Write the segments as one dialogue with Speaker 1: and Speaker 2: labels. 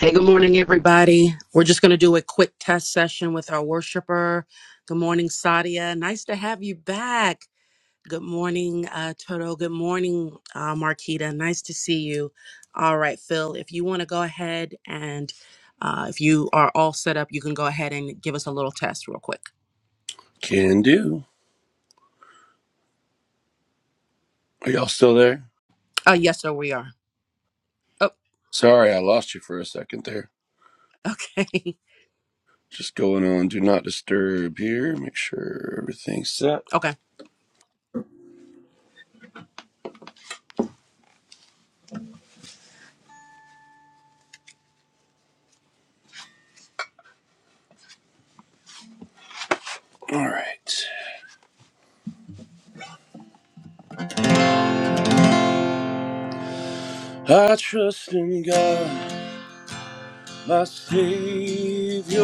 Speaker 1: Hey, good morning, everybody. We're just going to do a quick test session with our worshiper. Good morning, Sadia. Nice to have you back. Good morning, uh, Toto. Good morning, uh, Marquita. Nice to see you. All right, Phil, if you want to go ahead and uh, if you are all set up, you can go ahead and give us a little test real quick.
Speaker 2: Can do. Are y'all still there?
Speaker 1: Uh, yes, sir, we are. Oh,
Speaker 2: Sorry, I lost you for a second there.
Speaker 1: okay.
Speaker 2: Just going on, do not disturb here. Make sure everything's set.
Speaker 1: okay.
Speaker 2: All right. I trust in God, my Savior,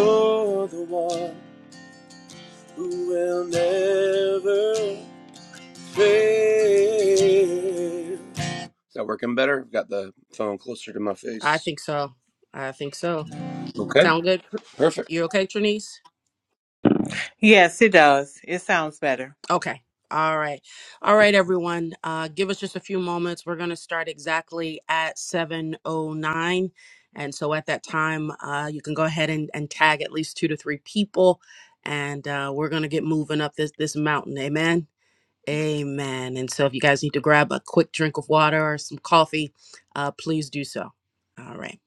Speaker 2: the one who will never fail. Is that working better? I've got the phone closer to my
Speaker 1: I
Speaker 2: face.
Speaker 1: think so. I think so.
Speaker 2: Okay,
Speaker 1: Sound good?
Speaker 2: perfect.
Speaker 1: You're okay, Trinice?
Speaker 3: Yes, it does. It sounds better.
Speaker 1: Okay. All right. All right, everyone. Uh, give us just a few moments. We're going to start exactly at 7.09. And so at that time, uh, you can go ahead and, and tag at least two to three people. And uh, we're going to get moving up this, this mountain. Amen. Amen. And so if you guys need to grab a quick drink of water or some coffee, uh, please do so. All right.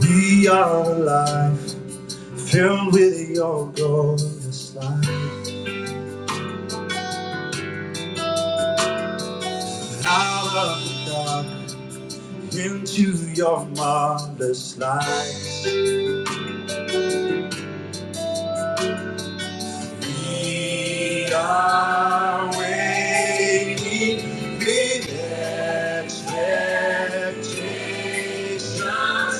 Speaker 3: We are alive, filled with your glorious light. Out of the dark, into your marvelous light. We are waiting with expectations. The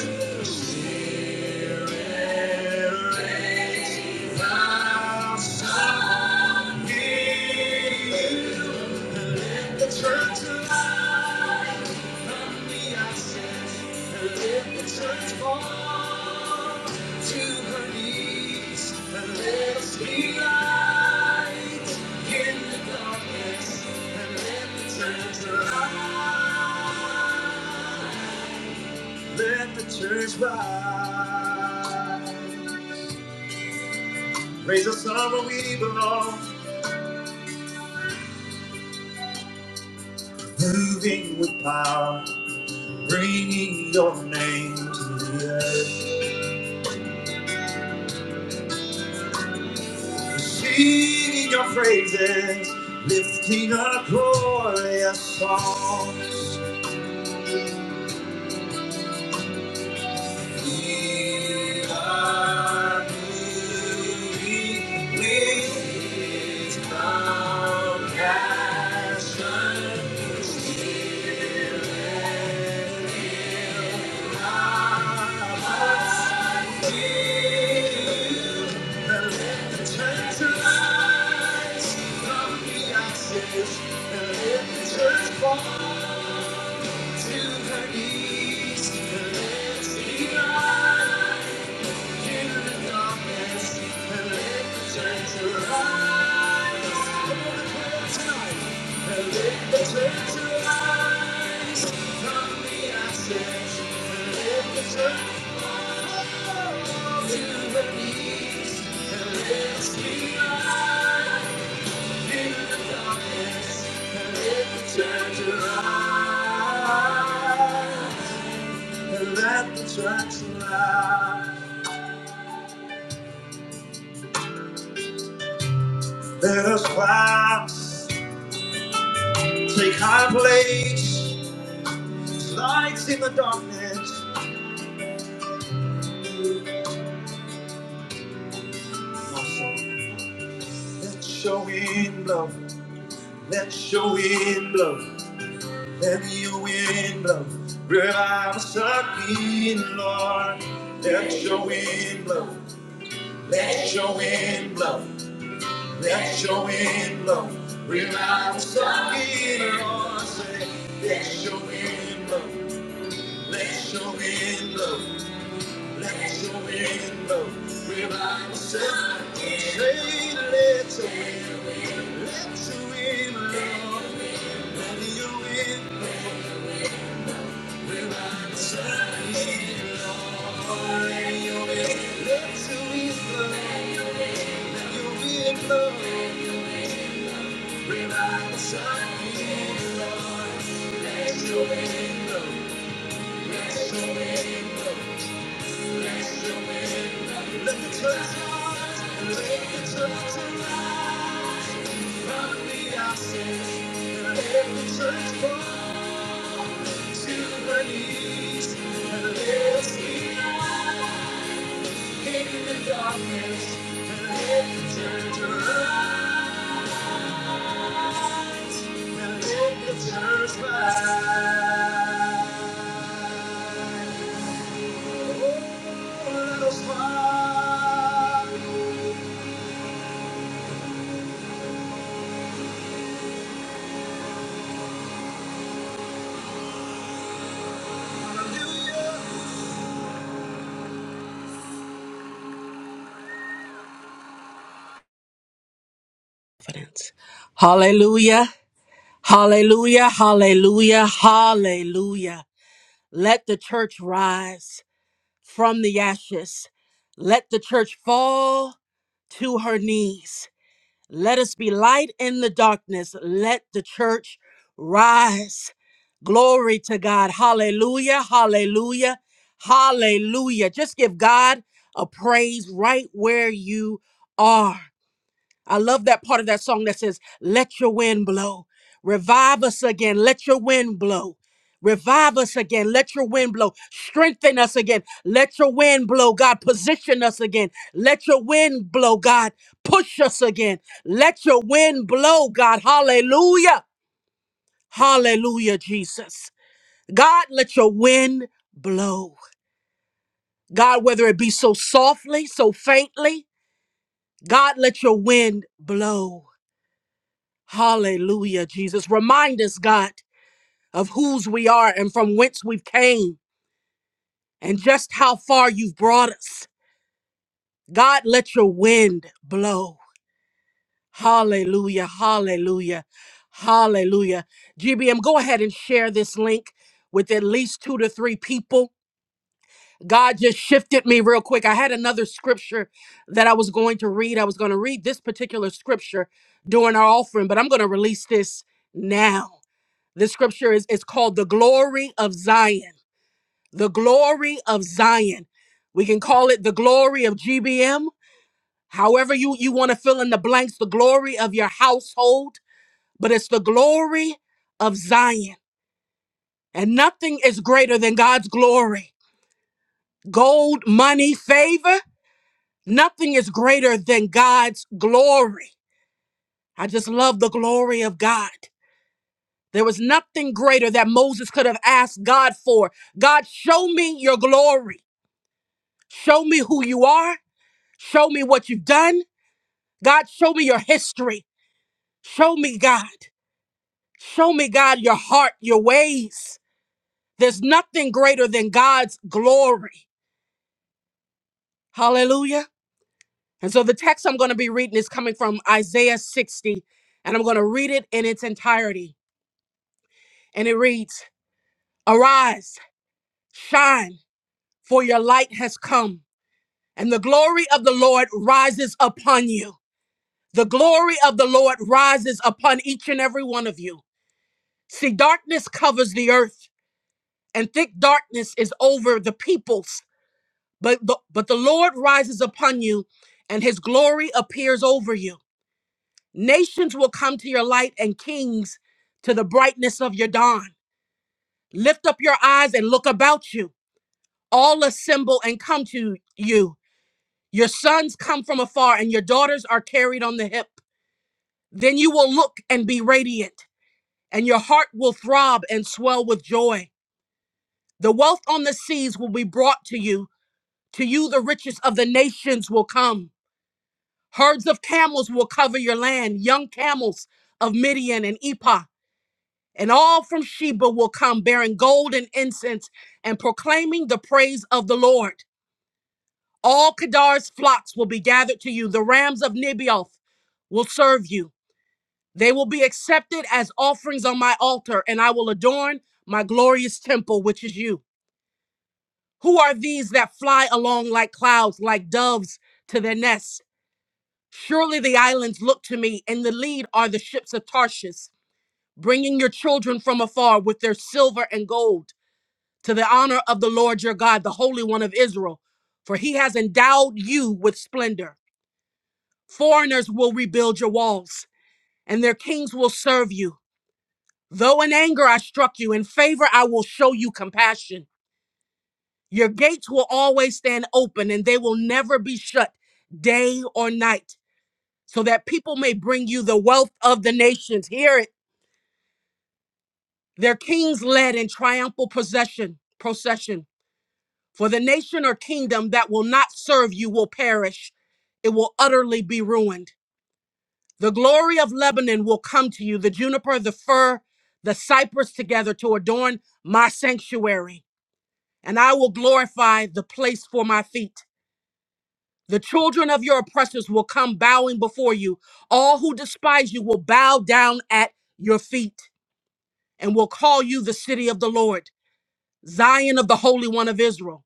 Speaker 3: Spirit, reigns, thou son, is. The church alive from the outset, and let the church fall to her knees, and let us be light in the darkness, and let the church rise, let the church rise. Raise us up where we belong, moving with power, bringing your name to the earth. Singing your praises, lifting up glorious songs. We are moving with His power. Turn to lights from the ashes, and let the church fall to her knees. And let it be light. Let the church rise. Let us rise. Take high place, lights in the darkness. Let your wind blow, let your wind blow, let your wind blow. Revive us again, Lord. Let your wind blow, let your wind blow, let your wind blow. Revive us again, Lord. Say, let your wind blow, let your wind blow. Let your wind blow, Revive shine. Say, let your wind, let your wind blow. Let your wind shine, Let your wind, let your wind blow, let your wind blow. Revival shine, Lord. Let your wind blow. Let the church, let the church arise from the ashes. Let the church fall to her knees. And let us be light in the darkness. And let the church arise. And let the church rise. Oh, let us rise.
Speaker 1: Confidence. Hallelujah. Hallelujah. Hallelujah. Hallelujah. Let the church rise. from the ashes. Let the church fall to her knees. Let us be light in the darkness. Let the church rise. Glory to God. Hallelujah. Hallelujah. Hallelujah. Just give God a praise right where you are. I love that part of that song that says, Let your wind blow. Revive us again. Let your wind blow. Revive us again. Let your wind blow. Strengthen us again. Let your wind blow, God. Position us again. Let your wind blow, God. Push us again. Let your wind blow, God. Hallelujah. Hallelujah, Jesus. God, let your wind blow. God, whether it be so softly, so faintly, God, let your wind blow. Hallelujah, Jesus. Remind us, God, of whose we are and from whence we've came and just how far you've brought us. God, let your wind blow. Hallelujah, hallelujah, hallelujah. GBM, go ahead and share this link with at least two to three people. God just shifted me real quick. I had another scripture that I was going to read. I was going to read this particular scripture during our offering, but I'm going to release this now. The scripture is it's called the glory of Zion. The glory of Zion. We can call it the glory of GBM. However, you, you want to fill in the blanks, the glory of your household, but it's the glory of Zion. And nothing is greater than God's glory. Gold, money, favor, nothing is greater than God's glory. I just love the glory of God. There was nothing greater that Moses could have asked God for. God, show me your glory. Show me who you are. Show me what you've done. God, show me your history. Show me, God. Show me, God, your heart, your ways. There's nothing greater than God's glory. Hallelujah. And so the text I'm going to be reading is coming from Isaiah 60, and I'm going to read it in its entirety. And it reads Arise, shine, for your light has come, and the glory of the Lord rises upon you. The glory of the Lord rises upon each and every one of you. See, darkness covers the earth, and thick darkness is over the peoples. But the, but the Lord rises upon you, and his glory appears over you. Nations will come to your light, and kings to the brightness of your dawn. Lift up your eyes and look about you. All assemble and come to you. Your sons come from afar, and your daughters are carried on the hip. Then you will look and be radiant, and your heart will throb and swell with joy. The wealth on the seas will be brought to you. To you, the riches of the nations will come. Herds of camels will cover your land, young camels of Midian and Ephah. And all from Sheba will come, bearing gold and incense and proclaiming the praise of the Lord. All Kedar's flocks will be gathered to you. The rams of Nibioth will serve you. They will be accepted as offerings on my altar, and I will adorn my glorious temple, which is you. Who are these that fly along like clouds, like doves to their nests? Surely the islands look to me, and the lead are the ships of Tarshish, bringing your children from afar with their silver and gold to the honor of the Lord your God, the Holy One of Israel. For he has endowed you with splendor. Foreigners will rebuild your walls, and their kings will serve you. Though in anger I struck you, in favor I will show you compassion. Your gates will always stand open and they will never be shut day or night, so that people may bring you the wealth of the nations. Hear it. Their kings led in triumphal possession, procession. For the nation or kingdom that will not serve you will perish. It will utterly be ruined. The glory of Lebanon will come to you, the juniper, the fir, the cypress together to adorn my sanctuary. And I will glorify the place for my feet. The children of your oppressors will come bowing before you. All who despise you will bow down at your feet and will call you the city of the Lord, Zion of the Holy One of Israel.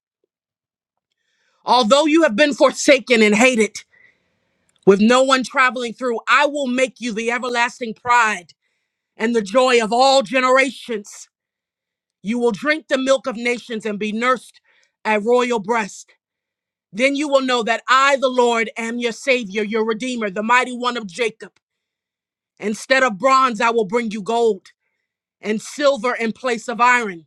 Speaker 1: Although you have been forsaken and hated, with no one traveling through, I will make you the everlasting pride and the joy of all generations. You will drink the milk of nations and be nursed at royal breast. Then you will know that I, the Lord, am your Savior, your Redeemer, the mighty one of Jacob. Instead of bronze, I will bring you gold, and silver in place of iron.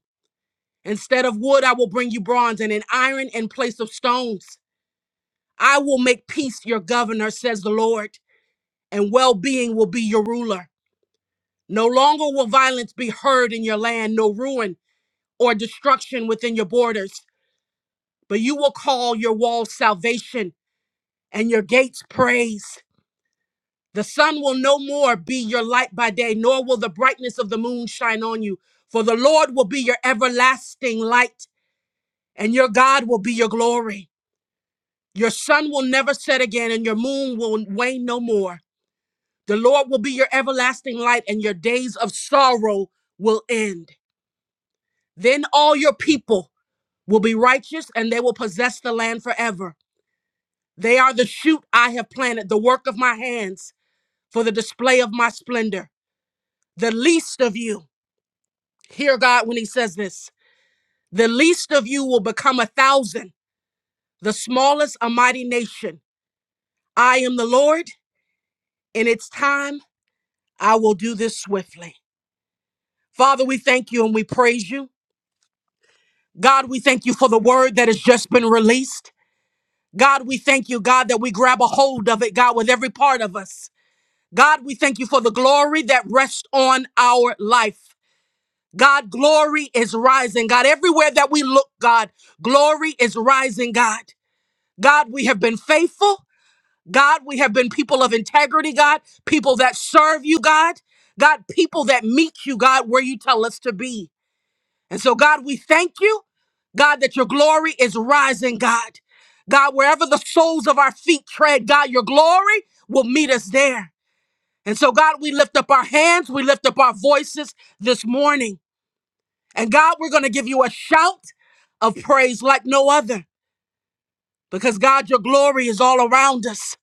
Speaker 1: Instead of wood, I will bring you bronze, and an iron in place of stones. I will make peace your governor, says the Lord, and well being will be your ruler. No longer will violence be heard in your land, no ruin or destruction within your borders, but you will call your walls salvation and your gates praise. The sun will no more be your light by day, nor will the brightness of the moon shine on you. For the Lord will be your everlasting light, and your God will be your glory. Your sun will never set again, and your moon will wane no more. The Lord will be your everlasting light, and your days of sorrow will end. Then all your people will be righteous, and they will possess the land forever. They are the shoot I have planted, the work of my hands, for the display of my splendor. The least of you Hear God when He says this The least of you will become a thousand, the smallest a mighty nation. I am the Lord, and it's time I will do this swiftly. Father, we thank you and we praise you. God, we thank you for the word that has just been released. God, we thank you, God, that we grab a hold of it, God, with every part of us. God, we thank you for the glory that rests on our life. God, glory is rising. God, everywhere that we look, God, glory is rising, God. God, we have been faithful. God, we have been people of integrity, God, people that serve you, God, God, people that meet you, God, where you tell us to be. And so, God, we thank you, God, that your glory is rising, God. God, wherever the soles of our feet tread, God, your glory will meet us there. And so, God, we lift up our hands, we lift up our voices this morning. And God, we're going to give you a shout of praise like no other because, God, your glory is all around us.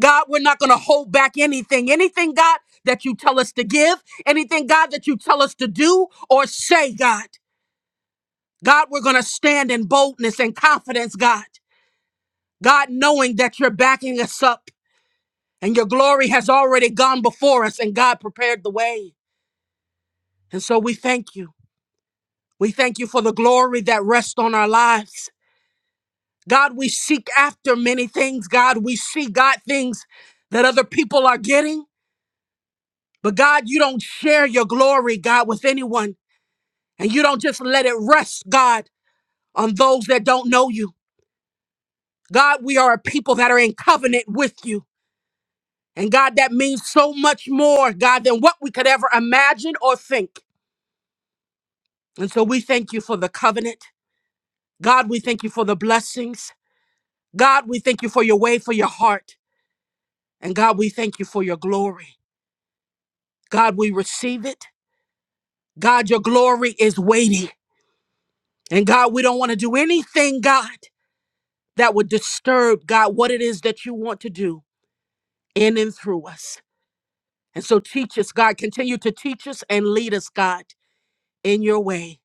Speaker 1: God, we're not going to hold back anything. Anything, God, that you tell us to give, anything, God, that you tell us to do or say, God. God, we're going to stand in boldness and confidence, God. God, knowing that you're backing us up and your glory has already gone before us and God prepared the way. And so we thank you. We thank you for the glory that rests on our lives. God, we seek after many things. God, we see God things that other people are getting. But God, you don't share your glory, God, with anyone. And you don't just let it rest, God, on those that don't know you. God, we are a people that are in covenant with you. And God, that means so much more, God, than what we could ever imagine or think. And so we thank you for the covenant. God, we thank you for the blessings. God, we thank you for your way, for your heart. And God, we thank you for your glory. God, we receive it. God, your glory is weighty. And God, we don't want to do anything, God. that would disturb, God, what it is that you want to do in and through us. And so teach us, God. Continue to teach us and lead us, God, in your way.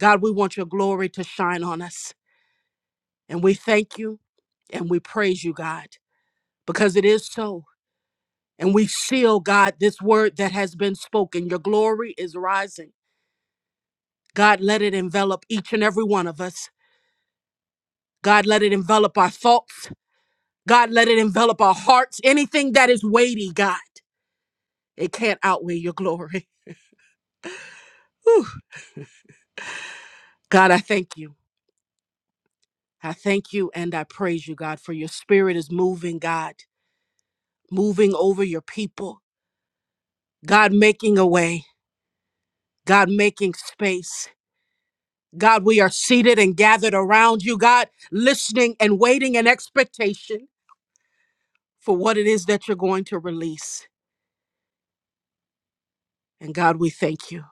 Speaker 1: God, we want your glory to shine on us. And we thank you and we praise you, God, because it is so. And we seal, God, this word that has been spoken. Your glory is rising. God, let it envelop each and every one of us. God, let it envelop our thoughts. God, let it envelop our hearts. Anything that is weighty, God, it can't outweigh your glory. Whew. God, I thank you. I thank you and I praise you, God, for your spirit is moving, God, moving over your people. God, making a way. God, making space. God, we are seated and gathered around you, God, listening and waiting in expectation for what it is that you're going to release. And God, we thank you.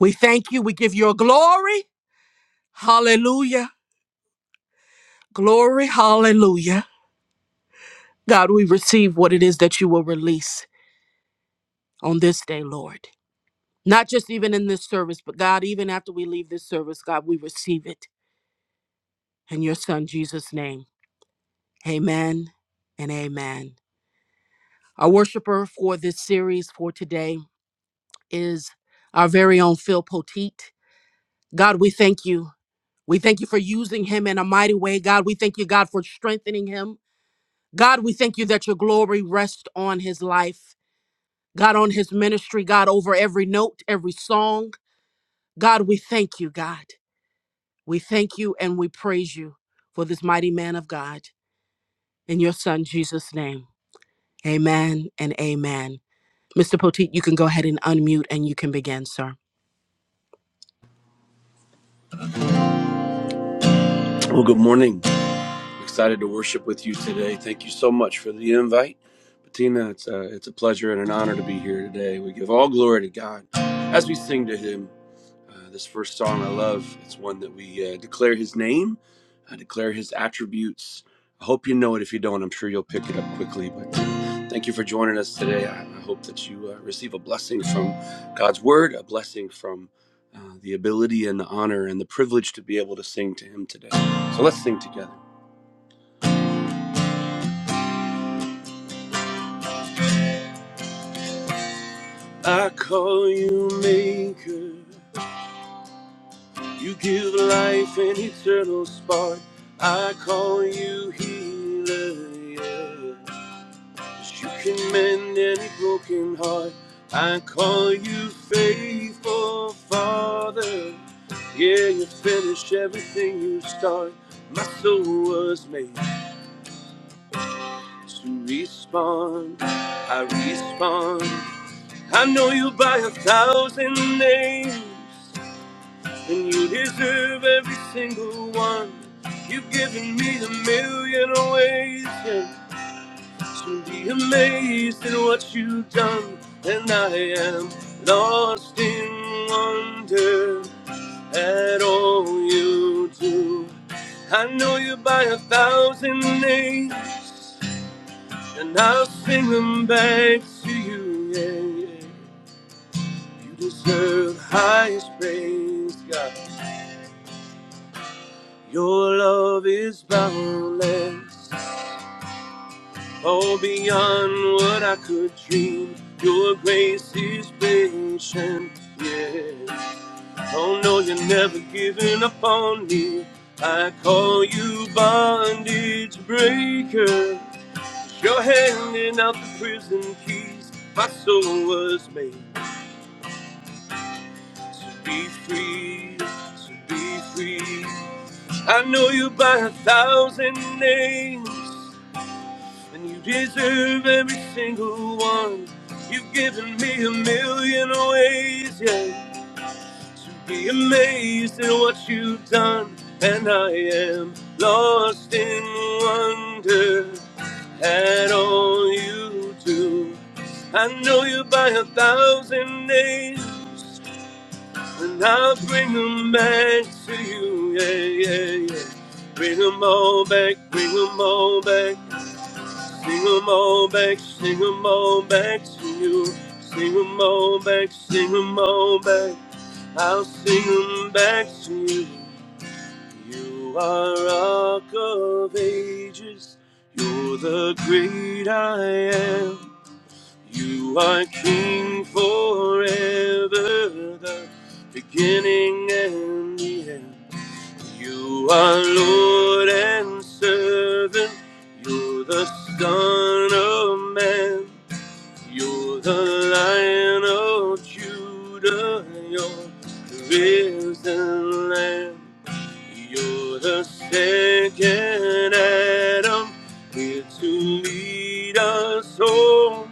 Speaker 1: We thank you. We give you a glory. Hallelujah. Glory. Hallelujah. God, we receive what it is that you will release on this day, Lord. Not just even in this service, but God, even after we leave this service, God, we receive it in your Son, Jesus' name. Amen and amen. Our worshiper for this series for today is our very own Phil Poteet. God, we thank you. We thank you for using him in a mighty way. God, we thank you, God, for strengthening him. God, we thank you that your glory rests on his life. God, on his ministry, God, over every note, every song. God, we thank you, God. We thank you and we praise you for this mighty man of God in your son Jesus' name. Amen and amen. Mr. Poteet, you can go ahead and unmute and you can begin, sir.
Speaker 2: Well, good morning. Excited to worship with you today. Thank you so much for the invite. Bettina, it's a, it's a pleasure and an honor to be here today. We give all glory to God as we sing to Him. Uh, this first song I love, it's one that we uh, declare His name, I declare His attributes. I hope you know it. If you don't, I'm sure you'll pick it up quickly. But uh, thank you for joining us today. I, I hope that you uh, receive a blessing from God's Word, a blessing from uh, the ability and the honor and the privilege to be able to sing to Him today. So let's sing together. I call you maker. You give life an eternal spark. I call you healer. Yeah. 'Cause You can mend any broken heart. I call you faithful Father. Yeah, you finish everything you start. My soul was made to respond. I respond. I know you by a thousand names. And you deserve every single one. You've given me a million ways yeah, to be amazed at what you've done. And I am lost in wonder at all you do. I know you by a thousand names, and I'll sing them back to you. Yeah, yeah. You deserve highest praise, God. Your love is boundless, oh beyond what I could dream. Your grace is patient, yeah. Oh no, you're never giving up on me. I call you bondage breaker. You're handing out the prison keys. My soul was made to be free, to be free. I know you by a thousand names. And you deserve every single one. You've given me a million ways, yeah, to be amazed at what you've done. And I am lost in wonder at all you do. I know you by a thousand names, and I'll bring them back to you, yeah, yeah, yeah. Bring them all back, bring them all back. Sing 'em all back, sing 'em all back to you. Sing 'em all back, sing 'em all back. I'll sing 'em back to you. You are rock of ages. You're the great I am. You are king forever, the beginning and the end. You are Lord and servant. You're the Son of Man. You're the Lion of Judah. You're the risen Lamb. You're the second Adam here to lead us home.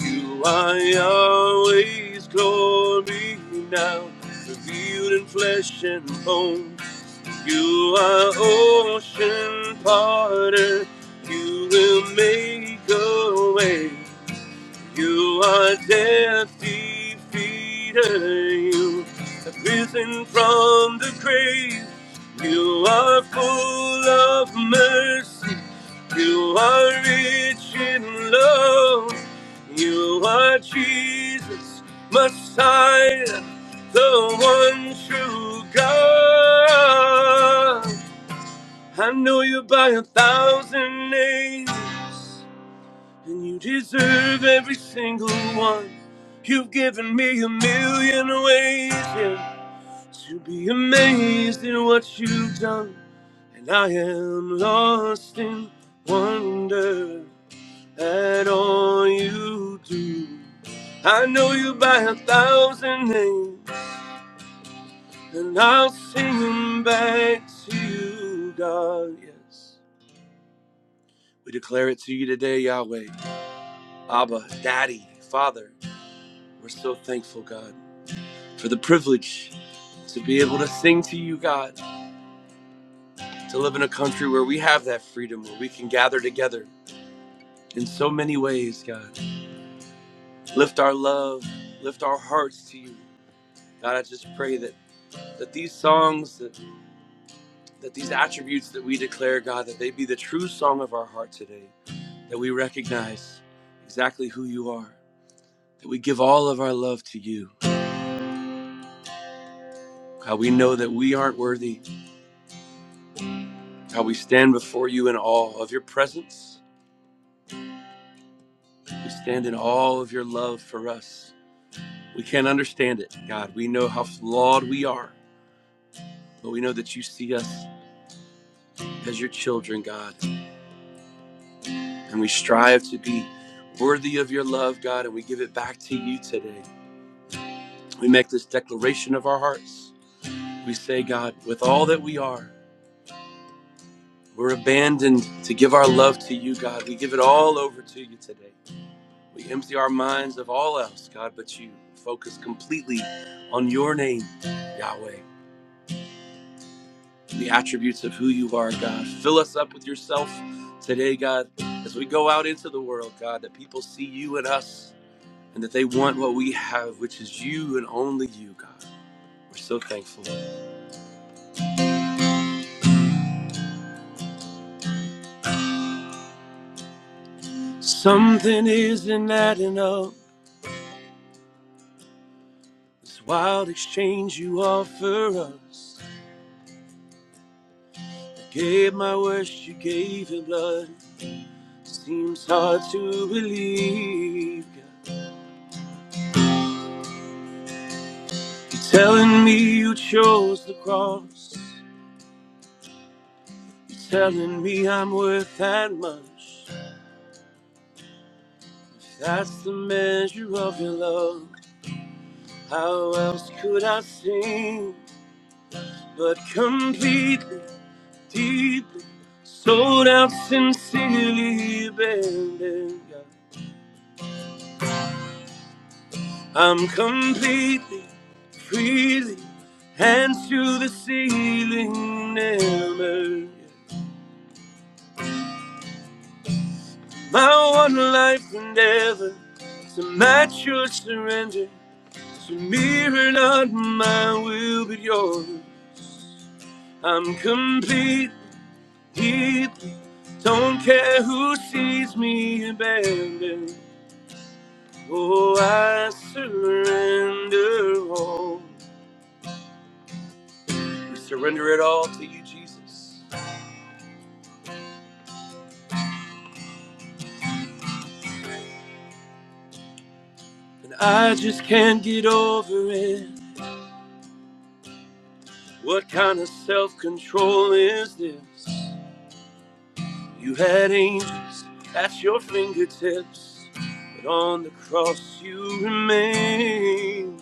Speaker 2: You are Yahweh's glory now, revealed in flesh and bone. You are ocean parted. You will make a way. You are death defeater. You have risen from the grave. You are full of mercy. You are rich in love. You are Jesus, Messiah, the one true God. I know you by a thousand names. And you deserve every single one. You've given me a million ways yeah, to be amazed at what you've done. And I am lost in wonder at all you do. I know you by a thousand names, and I'll sing them back to you, God. Yes. We declare it to you today, Yahweh. Abba, Daddy, Father. We're so thankful, God, for the privilege to be able to sing to you, God, to live in a country where we have that freedom, where we can gather together in so many ways, God. Lift our love, lift our hearts to you. God, I just pray that, that these songs, that, that these attributes that we declare, God, that they be the true song of our heart today, that we recognize exactly who you are, that we give all of our love to you. How we know that we aren't worthy, how we stand before you in awe of your presence, We stand in all of your love for us. We can't understand it, God. We know how flawed we are, but we know that you see us as your children, God. And we strive to be worthy of your love, God, and we give it back to you today. We make this declaration of our hearts. We say, God, with all that we are, we're abandoned to give our love to you, God. We give it all over to you today. We empty our minds of all else, God, but you focus completely on your name, Yahweh. the attributes of who you are, God. Fill us up with yourself today, God, as we go out into the world, God, that people see you and us and that they want what we have, which is you and only you, God. We're so thankful. Something isn't adding up. This wild exchange you offer us. I gave my worst, you gave your blood. Seems hard to believe, God. You're telling me you chose the cross. Telling me I'm worth that much. If that's the measure of your love, how else could I sing? But completely, deeply, sold out sincerely, abandoned. God. I'm completely, freely, hands to the ceiling, never. Yeah. My one life endeavor to match your surrender. So mirror not my will but yours. I'm complete, completely. Don't care who sees me abandoned. Oh, I surrender all. We surrender it all to you, Jesus. And I just can't get over it. What kind of self control is this? You had angels at your fingertips, but on the cross you remain.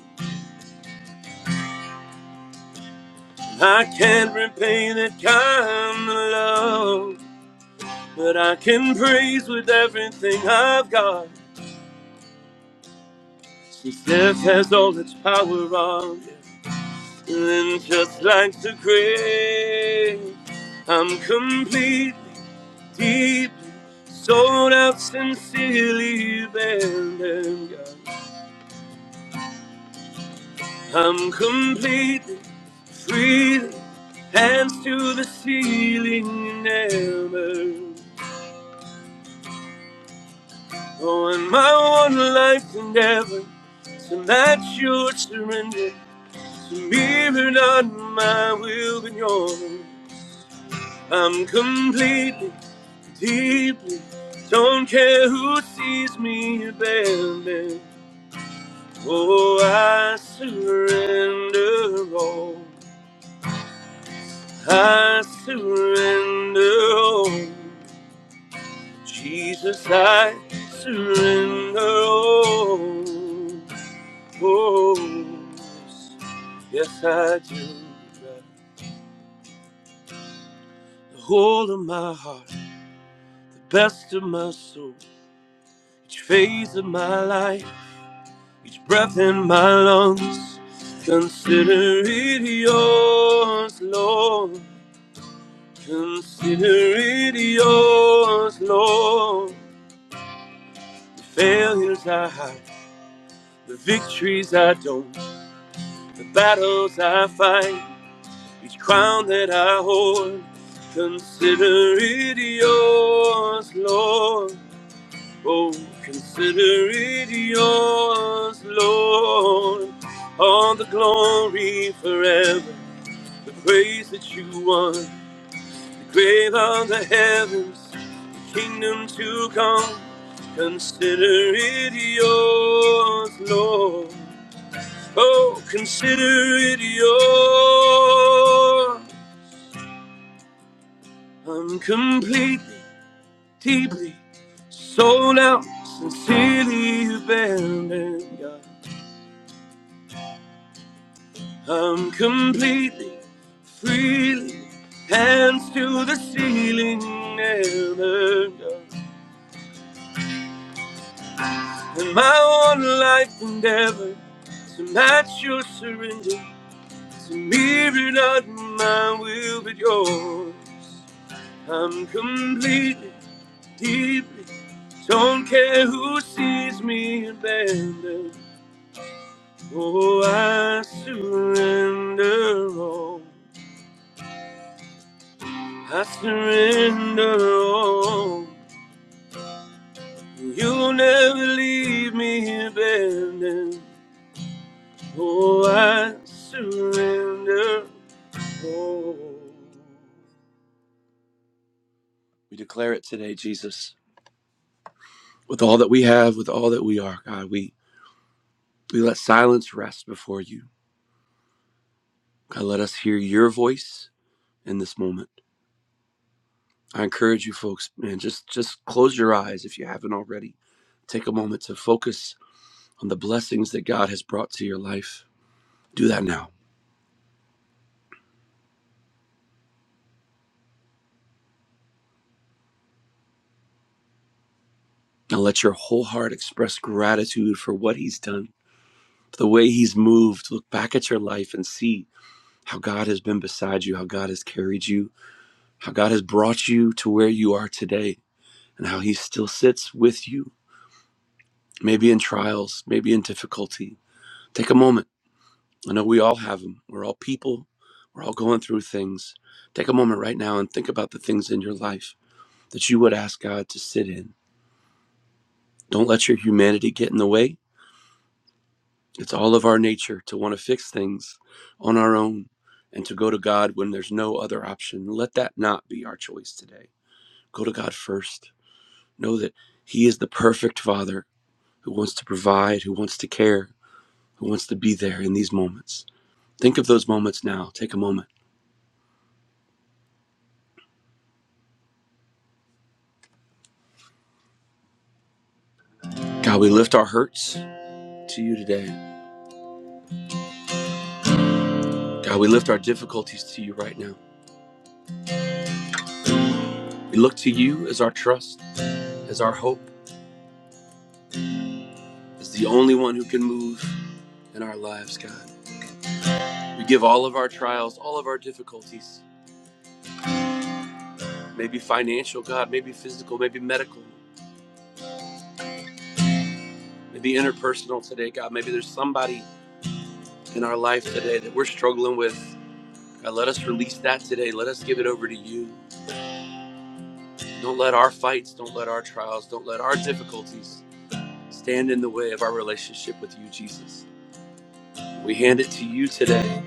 Speaker 2: And I can't repay that kind of love, but I can praise with everything I've got. Since death has all its power on, and just like the grave, I'm completely, deeply, sold out, sincerely abandoned. God. I'm completely free, hands to the ceiling, never going my one life to never. So that's your surrender to me, but not my will, but yours. I'm completely, deeply, don't care who sees me abandoned. Oh, I surrender all. I surrender all. Jesus, I surrender all. Oh, yes, I do. The whole of my heart, the best of my soul, each phase of my life, each breath in my lungs. Consider it yours, Lord. Consider it yours, Lord. The failures I hide, the victories I don't, the battles I fight, each crown that I hold. Consider it yours, Lord. Oh, consider it yours, Lord. All the glory forever, the praise that you won, the grave of the heavens, the kingdom to come. Consider it yours, Lord. Oh, consider it yours. I'm completely, deeply sold out, sincerely abandoned. God. I'm completely, freely, hands to the ceiling, never. God. And my one life endeavor to match your surrender. To mirror not my will but yours. I'm completely. deeply. Don't care who sees me abandoned. Oh, I surrender all. I surrender all. You'll never leave me abandoned. Oh, I surrender all. We declare it today, Jesus. With all that we have, with all that we are, God, we, we let silence rest before you. God, let us hear your voice in this moment. I encourage you folks, man, just just close your eyes if you haven't already. Take a moment to focus on the blessings that God has brought to your life. Do that now. Now let your whole heart express gratitude for what he's done, for the way he's moved. Look back at your life and see how God has been beside you, how God has carried you, how God has brought you to where you are today, and how he still sits with you, maybe in trials, maybe in difficulty. Take a moment I know we all have them. We're all people. We're all going through things. Take a moment right now and think about the things in your life that you would ask God to sit in. Don't let your humanity get in the way. It's all of our nature to want to fix things on our own and to go to God when there's no other option. Let that not be our choice today. Go to God first. Know that He is the perfect Father who wants to provide, who wants to care, who wants to be there in these moments. Think of those moments now. Take a moment. God, we lift our hurts. to you today. God, we lift our difficulties to you right now. We look to you as our trust, as our hope, as the only one who can move in our lives, God. We give all of our trials, all of our difficulties, maybe financial, God, maybe physical, maybe medical, maybe interpersonal today, God. Maybe there's somebody in our life today that we're struggling with. God, let us release that today. Let us give it over to you. Don't let our fights, don't let our trials, don't let our difficulties stand in the way of our relationship with you, Jesus. We hand it to you today.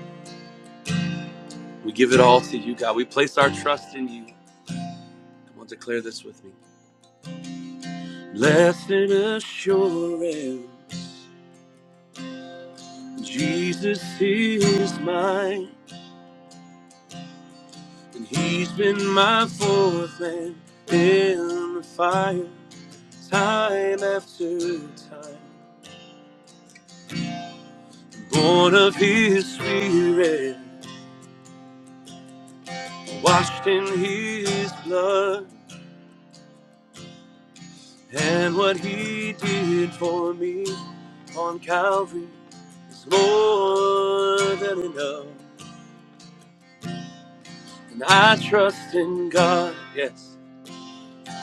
Speaker 2: We give it all to you, God. We place our trust in you. Come on, declare this with me. Blessed assurance, Jesus is mine, and He's been my fourth man in the fire, time after time. Born of His Spirit, washed in His blood. And what he did for me on Calvary is more than enough. And I trust in God, yes,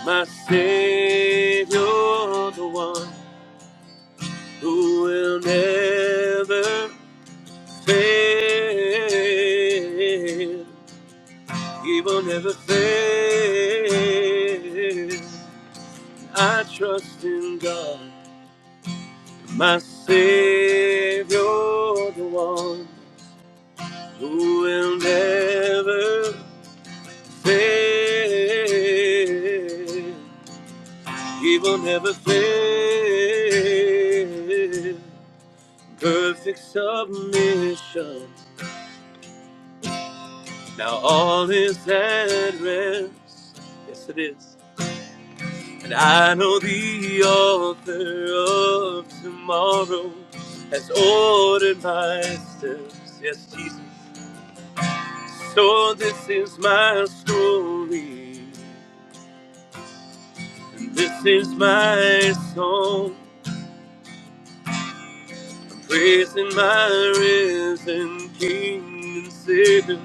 Speaker 2: my Savior, the one who will never fail. He will never fail. I trust in God, my Savior, the one. who will never fail. He will never fail. Perfect submission. Now all is at rest. Yes, it is. And I know the author of tomorrow has ordered my steps. Yes, Jesus. So this is my story. This is my song, praising my risen King and Savior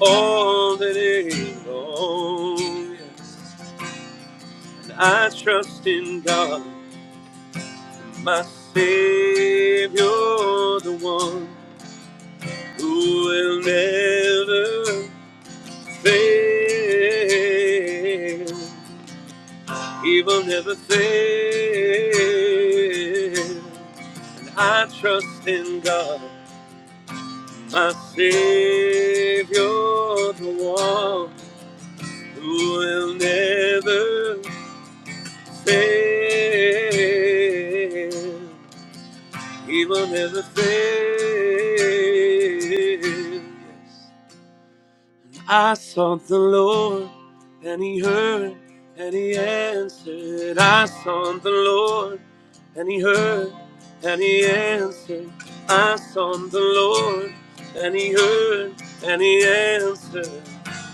Speaker 2: all the day long. Yes. And I trust in God, my Savior, the one who will never fail. He will never fail. And I trust in God. my Savior, the one who will never fail. He will never fail. I sought the Lord, and He heard, and He answered. I sought the Lord, and He heard, and He answered. I sought the Lord, and He heard, and He answered.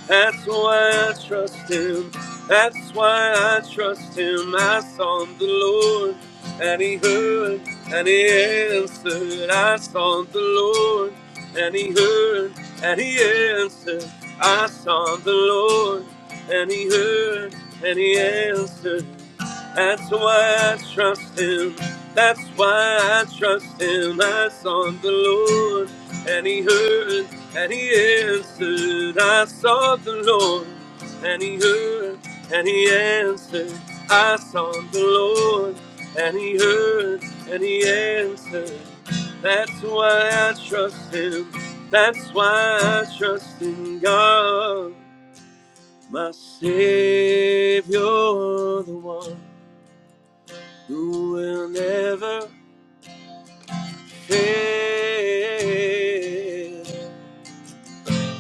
Speaker 2: That's why I trust him. That's why I trust him. I sought the Lord, and he heard, and he answered. I sought the Lord, and he heard, and he answered. I sought the Lord, and he heard, and he answered. That's why I trust him. That's why I trust him. I sought the Lord, and he heard, and he answered. I sought the Lord, and he heard, and he answered. I sought the Lord, and he heard, and he answered. That's why I trust him. That's why I trust in God, my Savior, the one who will never fail.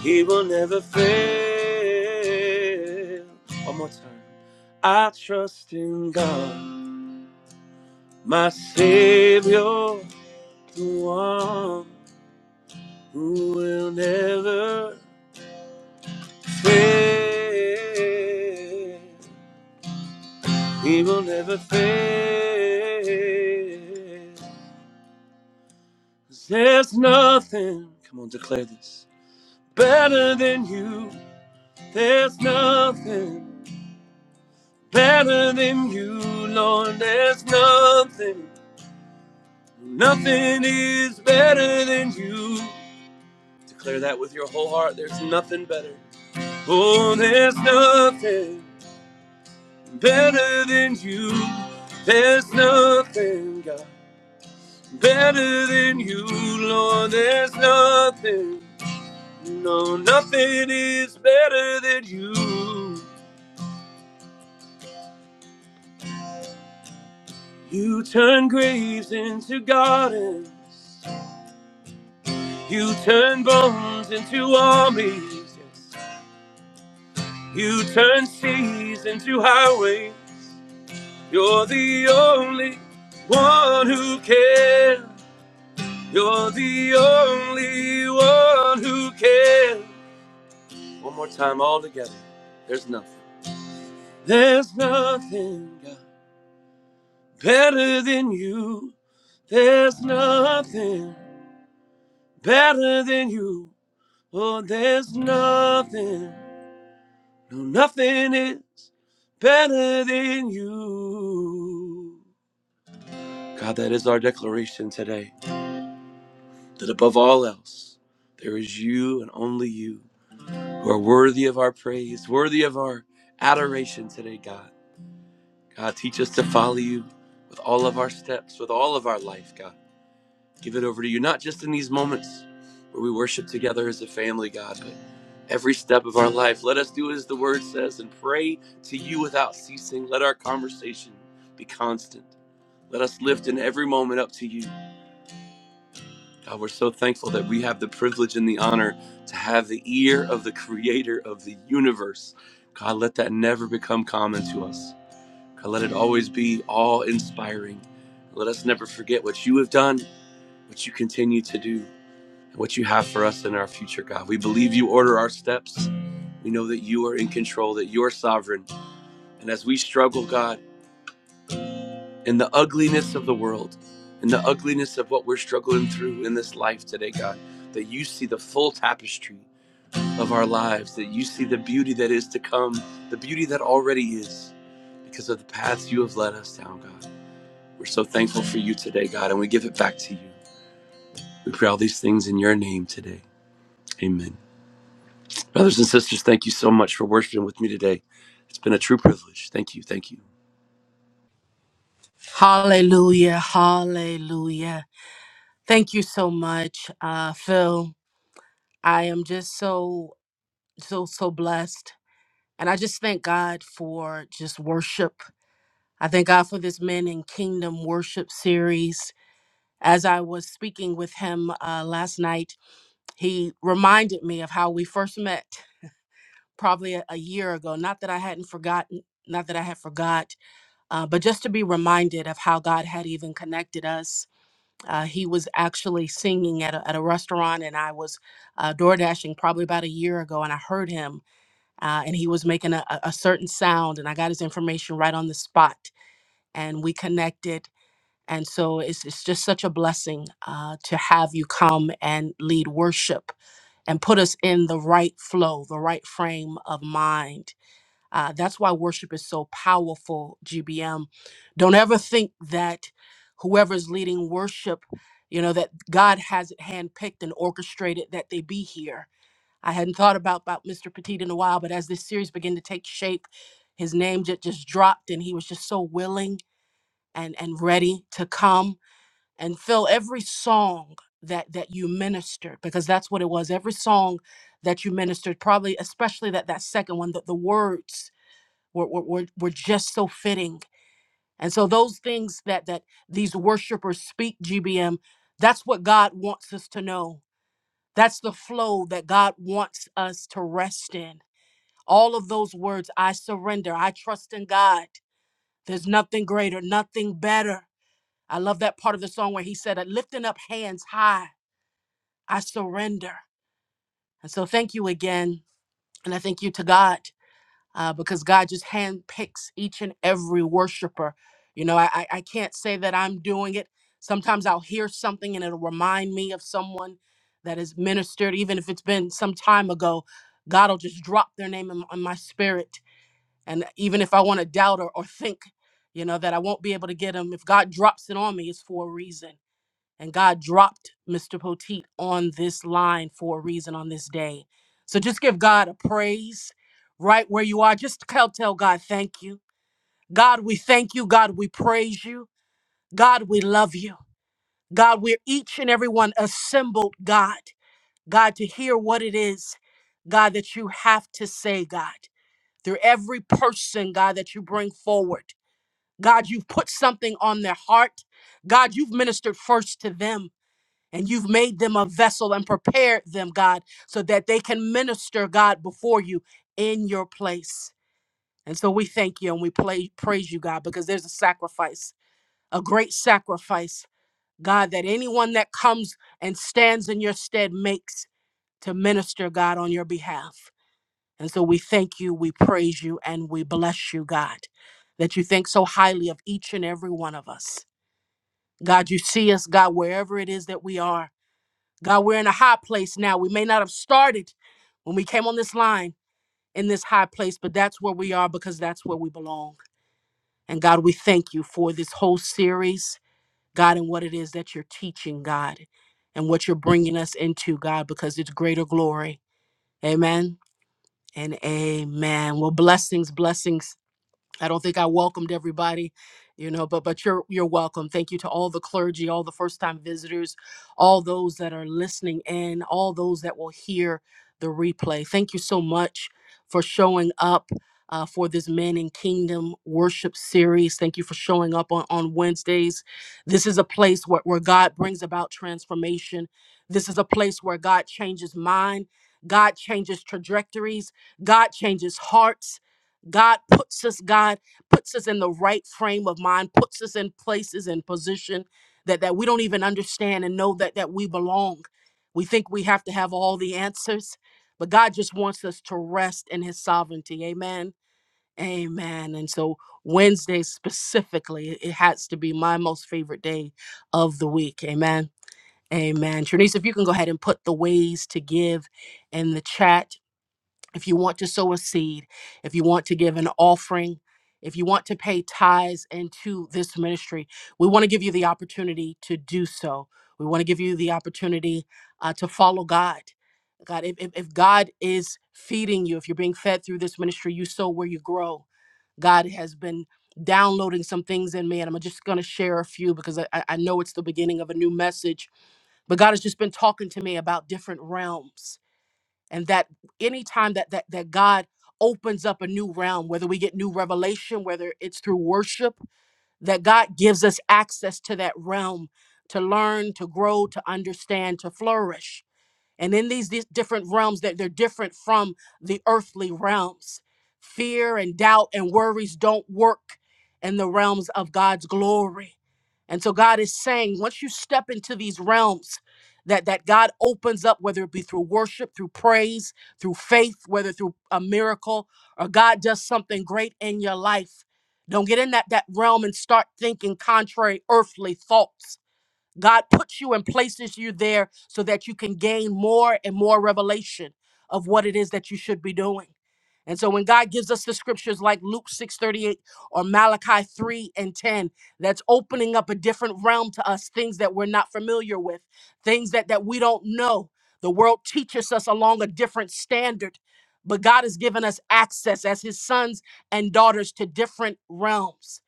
Speaker 2: He will never fail. One more time. I trust in God, my Savior, the one who will never fail. He will never fail. 'Cause There's nothing. Come on, declare this. better than you. There's nothing better than you, Lord. There's nothing. Nothing is better than you. Declare that with your whole heart. There's nothing better. Oh, there's nothing better than you. There's nothing, God, better than you, Lord. There's nothing. No, nothing is better than you. You turn graves into gardens. You turn bones into armies. Yes. You turn seas into highways. You're the only one who cares. You're the only one who cares. One more time, all together. There's nothing. There's nothing God, better than you. There's nothing better than you. Oh, there's nothing, no, nothing is better than you. God, that is our declaration today that above all else, there is you and only you who are worthy of our praise, worthy of our adoration today, God. God, teach us to follow you with all of our steps, with all of our life, God. Give it over to you, not just in these moments where we worship together as a family, God, but every step of our life. Let us do as the word says and pray to you without ceasing. Let our conversation be constant. Let us lift in every moment up to you. God, we're so thankful that we have the privilege and the honor to have the ear of the creator of the universe. God, let that never become common to us. God, let it always be awe inspiring. Let us never forget what you have done, what you continue to do what you have for us in our future, God. We believe you order our steps. We know that you are in control, that you are sovereign. And as we struggle, God, in the ugliness of the world, in the ugliness of what we're struggling through in this life today, God, that you see the full tapestry of our lives, that you see the beauty that is to come, the beauty that already is because of the paths you have led us down, God. We're so thankful for you today, God, and we give it back to you. We pray all these things in your name today. Amen. Brothers and sisters, thank you so much for worshiping with me today. It's been a true privilege. Thank you. Thank you.
Speaker 1: Hallelujah. Hallelujah. Thank you so much, uh, Phil. I am just so, so, so blessed. And I just thank God for just worship. I thank God for this Men in Kingdom worship series. As I was speaking with him uh, last night, He reminded me of how we first met probably a, a year ago. Not that I hadn't forgotten, not that I had forgot, uh, but just to be reminded of how God had even connected us. Uh, he was actually singing at a, at a restaurant, and I was uh, door dashing probably about a year ago, and I heard him, uh, and he was making a, a a certain sound, and I got his information right on the spot, and we connected and so it's, it's just such a blessing uh, to have you come and lead worship and put us in the right flow, the right frame of mind. Uh, that's why worship is so powerful, GBM. Don't ever think that whoever's leading worship, you know, that God has it handpicked and orchestrated that they be here. I hadn't thought about, about Mr. Petit in a while, but as this series began to take shape, his name just, just dropped and he was just so willing and, and ready to come and fill every song that that you ministered because that's what it was every song that you ministered probably especially that that second one that the words were, were were were just so fitting and so those things that that these worshipers speak gbm that's what god wants us to know that's the flow that god wants us to rest in all of those words i surrender i trust in god there's nothing greater nothing better i love that part of the song where he said lifting up hands high I surrender. And so thank you again. And I thank you to God uh, because God just handpicks each and every worshiper. You know, I, I I can't say that I'm doing it. Sometimes I'll hear something and it'll remind me of someone that has ministered, even if it's been some time ago. God will just drop their name in, in my spirit. And even if I want to doubt or, or think, you know, that I won't be able to get them, if God drops it on me, it's for a reason. And God dropped Mr. Poteet on this line for a reason on this day. So just give God a praise right where you are. Just tell, tell God, thank you. God, we thank you. God, we praise you. God, we love you. God, we're each and every one assembled, God. God, to hear what it is, God, that you have to say, God, through every person, God, that you bring forward. God, you've put something on their heart. God, you've ministered first to them. And you've made them a vessel and prepared them, God, so that they can minister, God, before you in your place. And so we thank you and we play, praise you, God, because there's a sacrifice, a great sacrifice, God, that anyone that comes and stands in your stead makes to minister, God, on your behalf. And so we thank you, we praise you, and we bless you, God, that you think so highly of each and every one of us. God, you see us, God, wherever it is that we are. God, we're in a high place now. We may not have started when we came on this line in this high place, but that's where we are because that's where we belong. And God, we thank you for this whole series, God, and what it is that you're teaching, God, and what you're bringing us into, God, because it's greater glory. Amen and amen. Well, blessings, blessings I don't think I welcomed everybody, you know, but but you're you're welcome. Thank you to all the clergy, all the first-time visitors, all those that are listening in, all those that will hear the replay. Thank you so much for showing up uh, for this Men in Kingdom worship series. Thank you for showing up on, on Wednesdays. This is a place where, where God brings about transformation. This is a place where God changes mind, God changes trajectories, God changes hearts. God puts us, God puts us in the right frame of mind, puts us in places and position that, that we don't even understand and know that that we belong. We think we have to have all the answers, but God just wants us to rest in his sovereignty. Amen. Amen. And so Wednesday specifically, it has to be my most favorite day of the week. Amen. Amen. Trinice, if you can go ahead and put the ways to give in the chat if you want to sow a seed, if you want to give an offering, if you want to pay tithes into this ministry, we want to give you the opportunity to do so. We want to give you the opportunity uh, to follow God. God, if, if, if God is feeding you, if you're being fed through this ministry, you sow where you grow. God has been downloading some things in me, and I'm just going to share a few because I, I I know it's the beginning of a new message. But God has just been talking to me about different realms and that anytime that that that god opens up a new realm whether we get new revelation whether it's through worship that god gives us access to that realm to learn to grow to understand to flourish and in these, these different realms that they're different from the earthly realms, fear and doubt and worries don't work in the realms of God's glory. And so God is saying, once you step into these realms, that, that God opens up, whether it be through worship, through praise, through faith, whether through a miracle, or God does something great in your life. Don't get in that, that realm and start thinking contrary earthly thoughts God puts you and places you there so that you can gain more and more revelation of what it is that you should be doing. And so when God gives us the scriptures like Luke 6:38 or Malachi 3 and 10, that's opening up a different realm to us, things that we're not familiar with, things that, that we don't know. The world teaches us along a different standard, but God has given us access as his sons and daughters to different realms.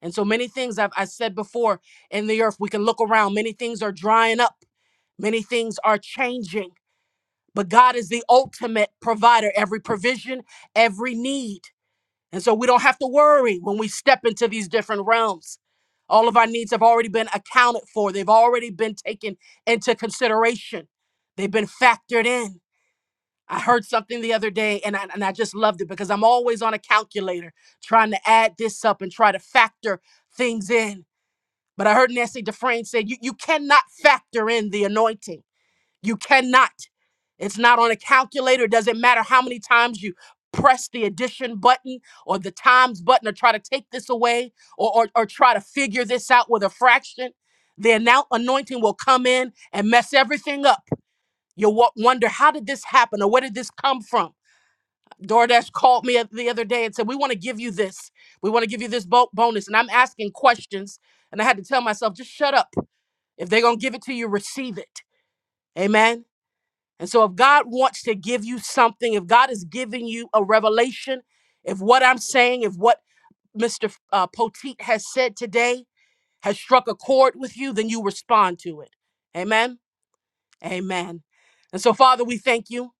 Speaker 1: And so many things I've I said before in the earth, we can look around. Many things are drying up, many things are changing. But God is the ultimate provider, every provision, every need. And so we don't have to worry when we step into these different realms. All of our needs have already been accounted for, they've already been taken into consideration, they've been factored in. I heard something the other day and I, and I just loved it because I'm always on a calculator trying to add this up and try to factor things in. But I heard Nancy Dufresne say, you, you cannot factor in the anointing. You cannot. It's not on a calculator. It doesn't matter how many times you press the addition button or the times button or try to take this away or, or, or try to figure this out with a fraction. The annou- anointing will come in and mess everything up. You'll wo- wonder, how did this happen or where did this come from? DoorDash called me the other day and said, We want to give you this. We want to give you this bo- bonus. And I'm asking questions. And I had to tell myself, just shut up if they're going to give it to you, receive it. Amen. And so, if God wants to give you something, if God is giving you a revelation, if what I'm saying, if what Mr. F- Uh, Poteet has said today has struck a chord with you, then you respond to it. Amen. Amen. And so, Father, we thank you.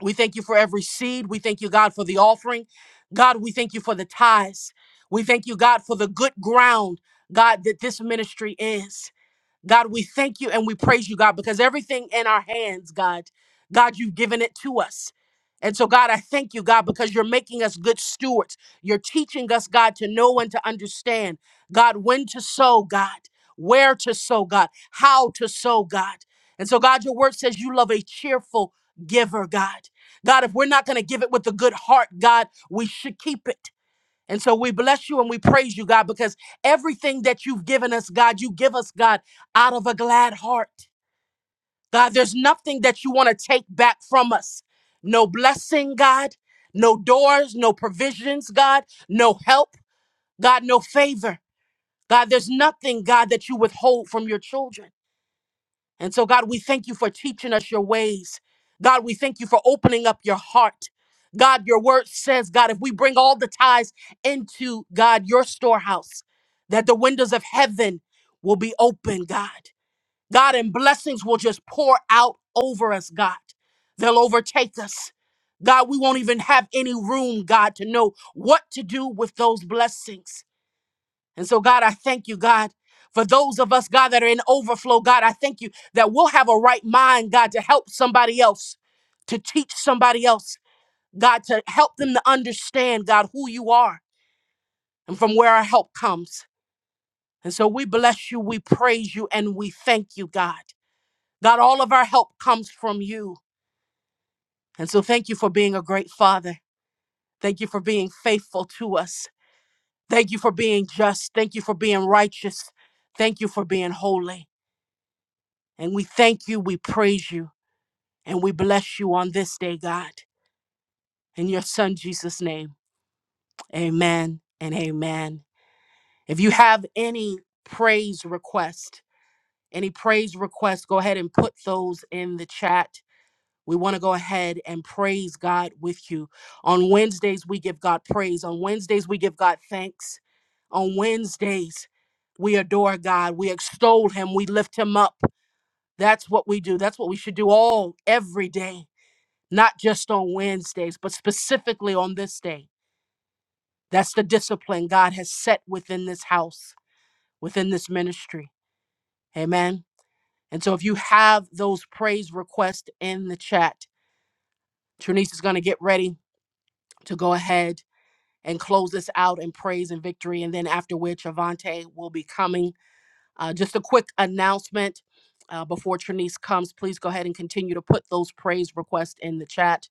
Speaker 1: We thank you for every seed. We thank you, God, for the offering. God, we thank you for the tithes. We thank you, God, for the good ground, God, that this ministry is. God, we thank you and we praise you, God, because everything in our hands, God, God, you've given it to us. And so, God, I thank you, God, because you're making us good stewards. You're teaching us, God, to know and to understand, God, when to sow, God, where to sow, God, how to sow, God. And so, God, your word says you love a cheerful giver, God. God, if we're not going to give it with a good heart, God, we should keep it. And so we bless you and we praise you, God, because everything that you've given us, God, you give us, God, out of a glad heart. God, there's nothing that you want to take back from us. No blessing, God, no doors, no provisions, God, no help, God, no favor. God, there's nothing, God, that you withhold from your children. And so, God, we thank you for teaching us your ways. God, we thank you for opening up your heart. God, your word says, God, if we bring all the tithes into God, your storehouse, that the windows of heaven will be open, God. God, and blessings will just pour out over us, God. They'll overtake us. God, we won't even have any room, God, to know what to do with those blessings. And so, God, I thank you, God. For those of us, God, that are in overflow, God, I thank you that we'll have a right mind, God, to help somebody else, to teach somebody else, God, to help them to understand, God, who you are and from where our help comes. And so we bless you, we praise you, and we thank you, God. God, all of our help comes from you. And so thank you for being a great father. Thank you for being faithful to us. Thank you for being just. Thank you for being righteous. Thank you for being holy. And we thank you, we praise you, and we bless you on this day, God. In your son Jesus' name, amen and amen. If you have any praise request, any praise request, go ahead and put those in the chat. We want to go ahead and praise God with you. On Wednesdays, we give God praise. On Wednesdays, we give God thanks. On Wednesdays, we adore God. We extol Him. We lift Him up. That's what we do. That's what we should do all every day not just on Wednesdays, but specifically on this day. That's the discipline God has set within this house, within this ministry. Amen. And so if you have those praise requests in the chat, Trinice is going to get ready to go ahead and close this out in praise and victory. And then after which, Avante will be coming. Uh, just a quick announcement uh, before Trinice comes, please go ahead and continue to put those praise requests in the chat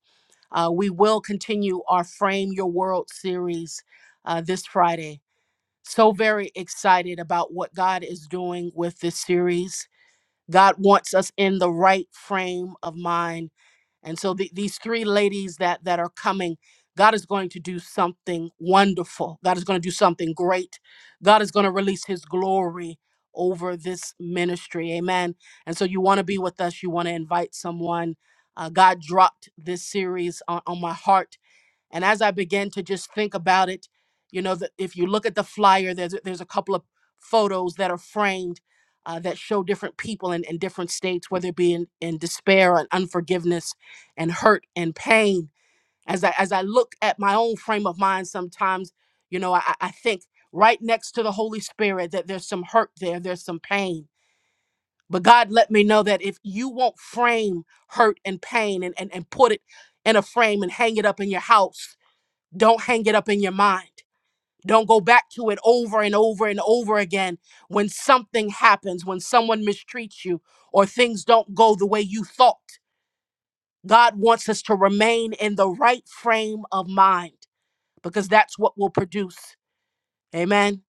Speaker 1: Uh, we will continue our Frame Your World series uh, this Friday. So very excited about what God is doing with this series. God wants us in the right frame of mind and so the, these three ladies that that are coming, God is going to do something wonderful. God is going to do something great. God is going to release his glory over this ministry. Amen. And so you want to be with us, you want to invite someone. Uh, God dropped this series on, on my heart and as I began to just think about it, you know, that if you look at the flyer, there's a- there's a couple of photos that are framed uh, that show different people in, in different states, whether it be in, in despair and unforgiveness and hurt and pain. As I as I look at my own frame of mind, sometimes, you know, I I think right next to the Holy Spirit that there's some hurt there, there's some pain. But God let me know that if you won't frame hurt and pain and, and, and put it in a frame and hang it up in your house don't hang it up in your mind. Don't go back to it over and over and over again when something happens, when someone mistreats you, or things don't go the way you thought. God wants us to remain in the right frame of mind because that's what will produce. Amen.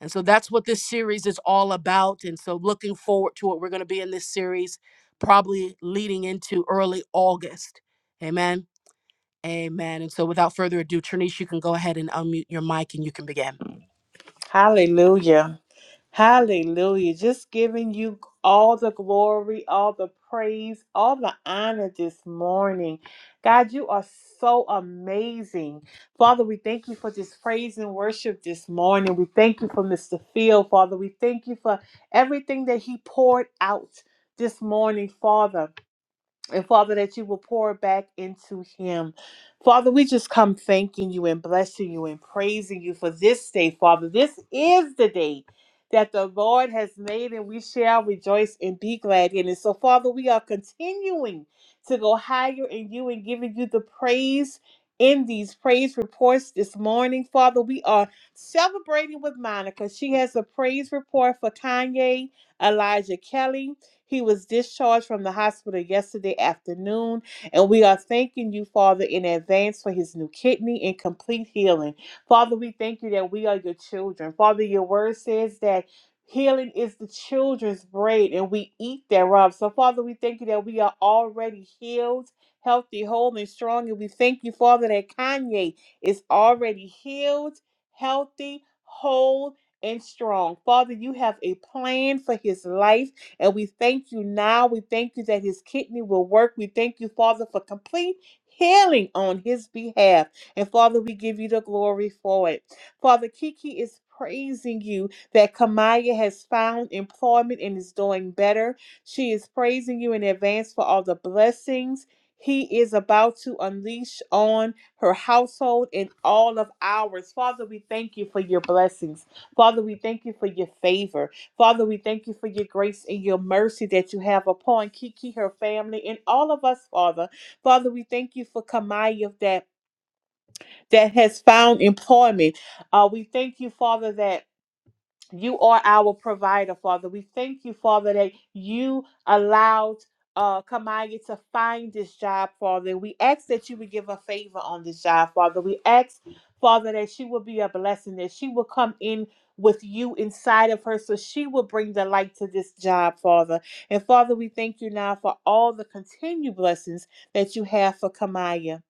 Speaker 1: And so that's what this series is all about. And so looking forward to what we're going to be in this series, probably leading into early August. Amen. Amen. And so without further ado, Trinice, you can go ahead and unmute your mic and you can begin.
Speaker 3: Hallelujah. Hallelujah. Just giving you all the glory, all the praise, all the honor this morning. God, you are so amazing. Father, we thank you for this praise and worship this morning. We thank you for Mr. Field, Father. We thank you for everything that he poured out this morning, Father. And Father, that you will pour back into him. Father, we just come thanking you and blessing you and praising you for this day, Father. This is the day that the Lord has made, and we shall rejoice and be glad in it. So, Father, we are continuing to go higher in you and giving you the praise in these praise reports this morning. Father, we are celebrating with Monica. She has a praise report for Kanye, Elijah Kelly. He was discharged from the hospital yesterday afternoon, and we are thanking you, Father, in advance for his new kidney and complete healing. Father, we thank you that we are your children. Father, your word says that. Healing is the children's bread, and we eat thereof. So, Father, we thank you that we are already healed, healthy, whole, and strong. And we thank you, Father, that Kanye is already healed, healthy, whole, and strong. Father, you have a plan for his life. And we thank you now. We thank you that his kidney will work. We thank you, Father, for complete healing on his behalf. And Father, we give you the glory for it. Father, Kiki is praising you that Kamaya has found employment and is doing better. She is praising you in advance for all the blessings. He is about to unleash on her household and all of ours. Father, we thank you for your blessings. Father, we thank you for your favor. Father, we thank you for your grace and your mercy that you have upon Kiki, her family, and all of us, Father. Father, we thank you for Kamaya that, that has found employment. Uh, we thank you, Father, that you are our provider, Father. We thank you, Father, that you allowed uh, Kamaya to find this job, Father. We ask that you would give her favor on this job, Father. We ask, Father, that she will be a blessing, that she will come in with you inside of her so she will bring the light to this job, Father. And Father, we thank you now for all the continued blessings that you have for Kamaya.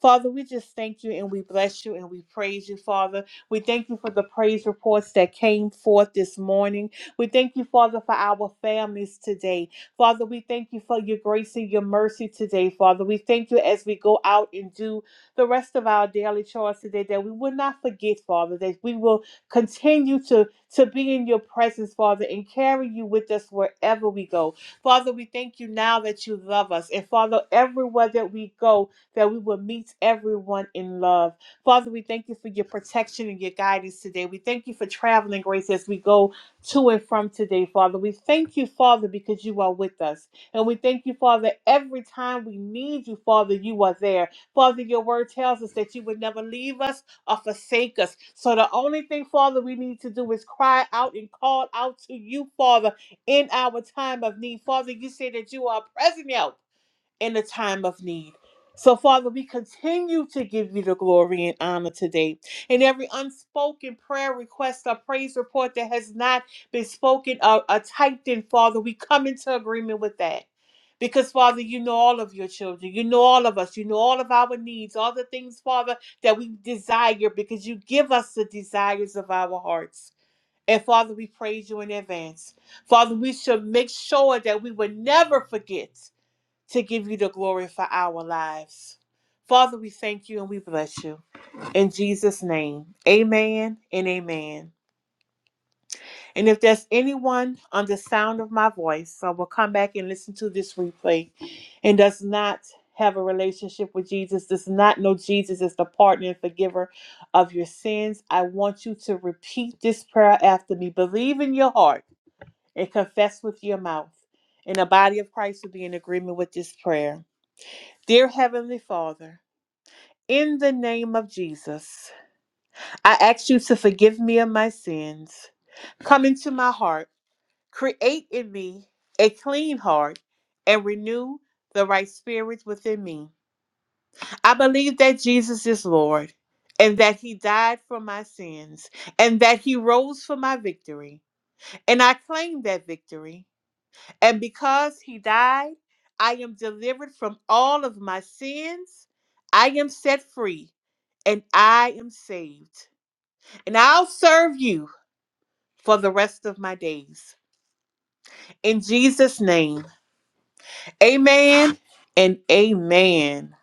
Speaker 3: Father, we just thank you and we bless you and we praise you, Father. We thank you for the praise reports that came forth this morning. We thank you, Father, for our families today. Father, we thank you for your grace and your mercy today, Father. We thank you as we go out and do the rest of our daily chores today that we will not forget, Father, that we will continue to, to be in your presence, Father, and carry you with us wherever we go. Father, we thank you now that you love us. And Father, everywhere that we go, that we will meet everyone in love. Father, we thank you for your protection and your guidance today. We thank you for traveling grace as we go to and from today, Father. We thank you, Father, because you are with us. And we thank you, Father, every time we need you, Father, you are there. Father, your word tells us that you would never leave us or forsake us. So the only thing, Father, we need to do is cry out and call out to you, Father, in our time of need. Father, you say that you are present help in a time of need. So, Father, we continue to give you the glory and honor today. And every unspoken prayer request or praise report that has not been spoken or, or typed in, Father, we come into agreement with that. Because, Father, you know all of your children. You know all of us. You know all of our needs, all the things, Father, that we desire because you give us the desires of our hearts. And, Father, we praise you in advance. Father, we should make sure that we would never forget to give you the glory for our lives. Father, we thank you and we bless you. In Jesus' name, amen and amen. And if there's anyone on the sound of my voice I will come back and listen to this replay and does not have a relationship with Jesus, does not know Jesus as the partner and forgiver of your sins, I want you to repeat this prayer after me. Believe in your heart and confess with your mouth. And the body of Christ will be in agreement with this prayer. Dear Heavenly Father, in the name of Jesus, I ask you to forgive me of my sins. Come into my heart, create in me a clean heart, and renew the right spirit within me. I believe that Jesus is Lord, and that He died for my sins, and that He rose for my victory. And I claim that victory. And because he died, I am delivered from all of my sins. I am set free and I am saved. And I'll serve you for the rest of my days. In Jesus' name, amen and amen.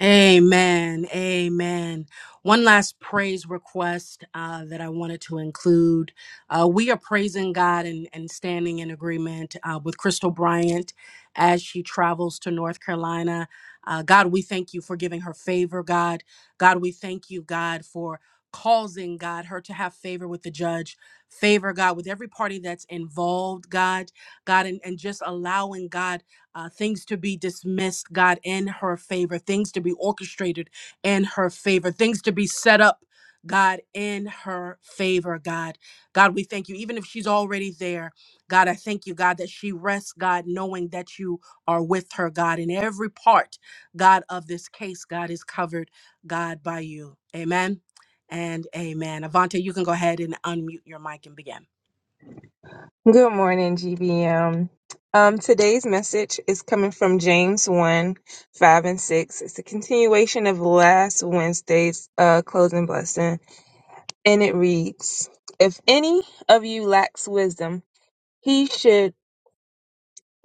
Speaker 1: Amen. Amen. One last praise request uh, that I wanted to include. Uh, we are praising God and, and standing in agreement uh, with Crystal Bryant as she travels to North Carolina. Uh, God, we thank you for giving her favor, God. God, we thank you, God, for causing God her to have favor with the judge, favor, God, with every party that's involved, God, God, and, and just allowing God. uh, things to be dismissed, God, in her favor, things to be orchestrated in her favor, things to be set up, God, in her favor, God. God, we thank you. Even if she's already there, God, I thank you, God, that she rests, God, knowing that you are with her, God. And every part, God, of this case, God, is covered, God, by you. Amen and amen. Avante, you can go ahead and unmute your mic and begin.
Speaker 4: Good morning, GBM. Um, today's message is coming from James 1 5 and 6. It's a continuation of last Wednesday's uh, closing blessing, and it reads If any of you lacks wisdom, he should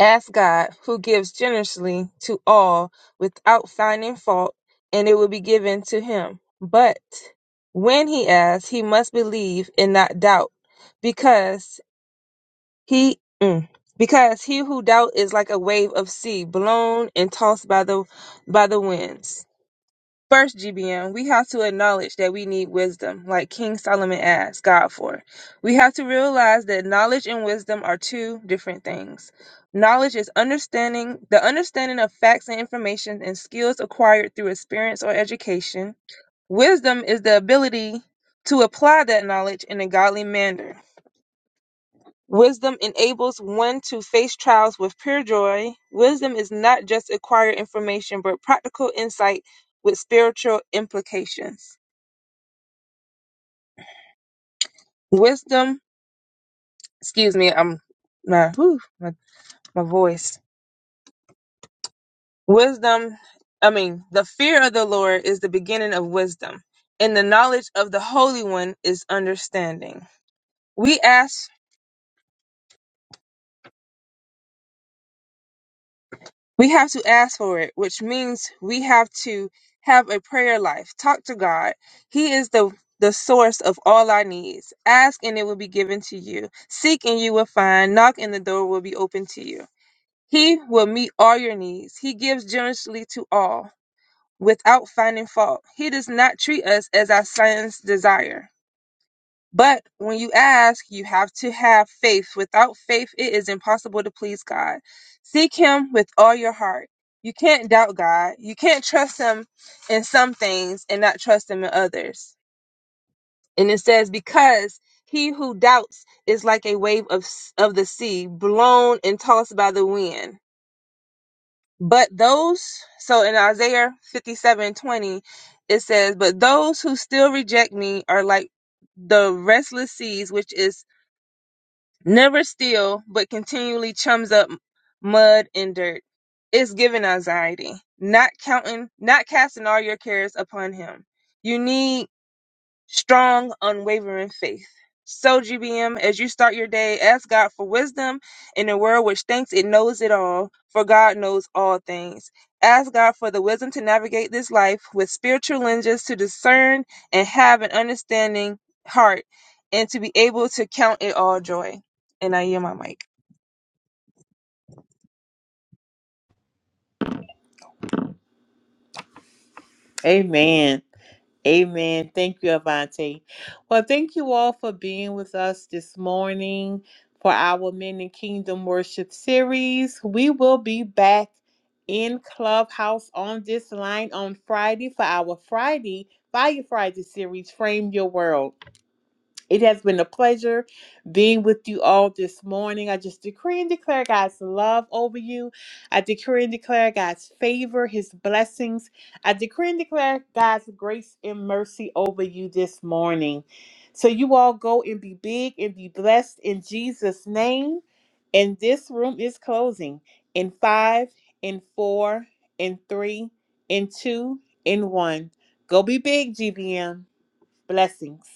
Speaker 4: ask God, who gives generously to all without finding fault, and it will be given to him. But when he asks, he must believe and not doubt because he mm, because he who doubt is like a wave of sea blown and tossed by the by the winds. First, GBM, we have to acknowledge that we need wisdom, like King Solomon asked God for. We have to realize that knowledge and wisdom are two different things. Knowledge is understanding the understanding of facts and information and skills acquired through experience or education. Wisdom is the ability to apply that knowledge in a godly manner Wisdom enables one to face trials with pure joy. Wisdom is not just acquired information, but practical insight with spiritual implications. Wisdom, excuse me, I'm my, whew, my my voice. Wisdom, I mean, the fear of the Lord is the beginning of wisdom, and the knowledge of the Holy One is understanding. We ask We have to ask for it, which means we have to have a prayer life. Talk to God. He is the the source of all our needs. Ask and it will be given to you. Seek and you will find. Knock and the door will be open to you. He will meet all your needs. He gives generously to all without finding fault. He does not treat us as our sons desire. But when you ask, you have to have faith. Without faith, it is impossible to please God. Seek Him with all your heart. You can't doubt God. You can't trust Him in some things and not trust Him in others. And it says, because he who doubts is like a wave of, s- of the sea, blown and tossed by the wind. But those, so in Isaiah fifty-seven twenty, it says, but those who still reject me are like the restless seas, which is never steal, but continually chums up mud and dirt. It's giving anxiety, not counting, not casting all your cares upon him. You need strong, unwavering faith. So, GBM, as you start your day, ask God for wisdom in a world which thinks it knows it all, for God knows all things. Ask God for the wisdom to navigate this life with spiritual lenses to discern and have an understanding heart and to be able to count it all joy. And I yield my mic.
Speaker 3: Amen. Amen. Thank you, Avante. Well, thank you all for being with us this morning for our Men in Kingdom Worship series. We will be back in Clubhouse on this line on Friday for our Friday, Fire Friday series, Frame Your World. It has been a pleasure being with you all this morning. I just decree and declare God's love over you. I decree and declare God's favor, his blessings. I decree and declare God's grace and mercy over you this morning. So you all go and be big and be blessed in Jesus' name. And this room is closing in five, in four, in three, in two, in one. Go be big, GBM. Blessings.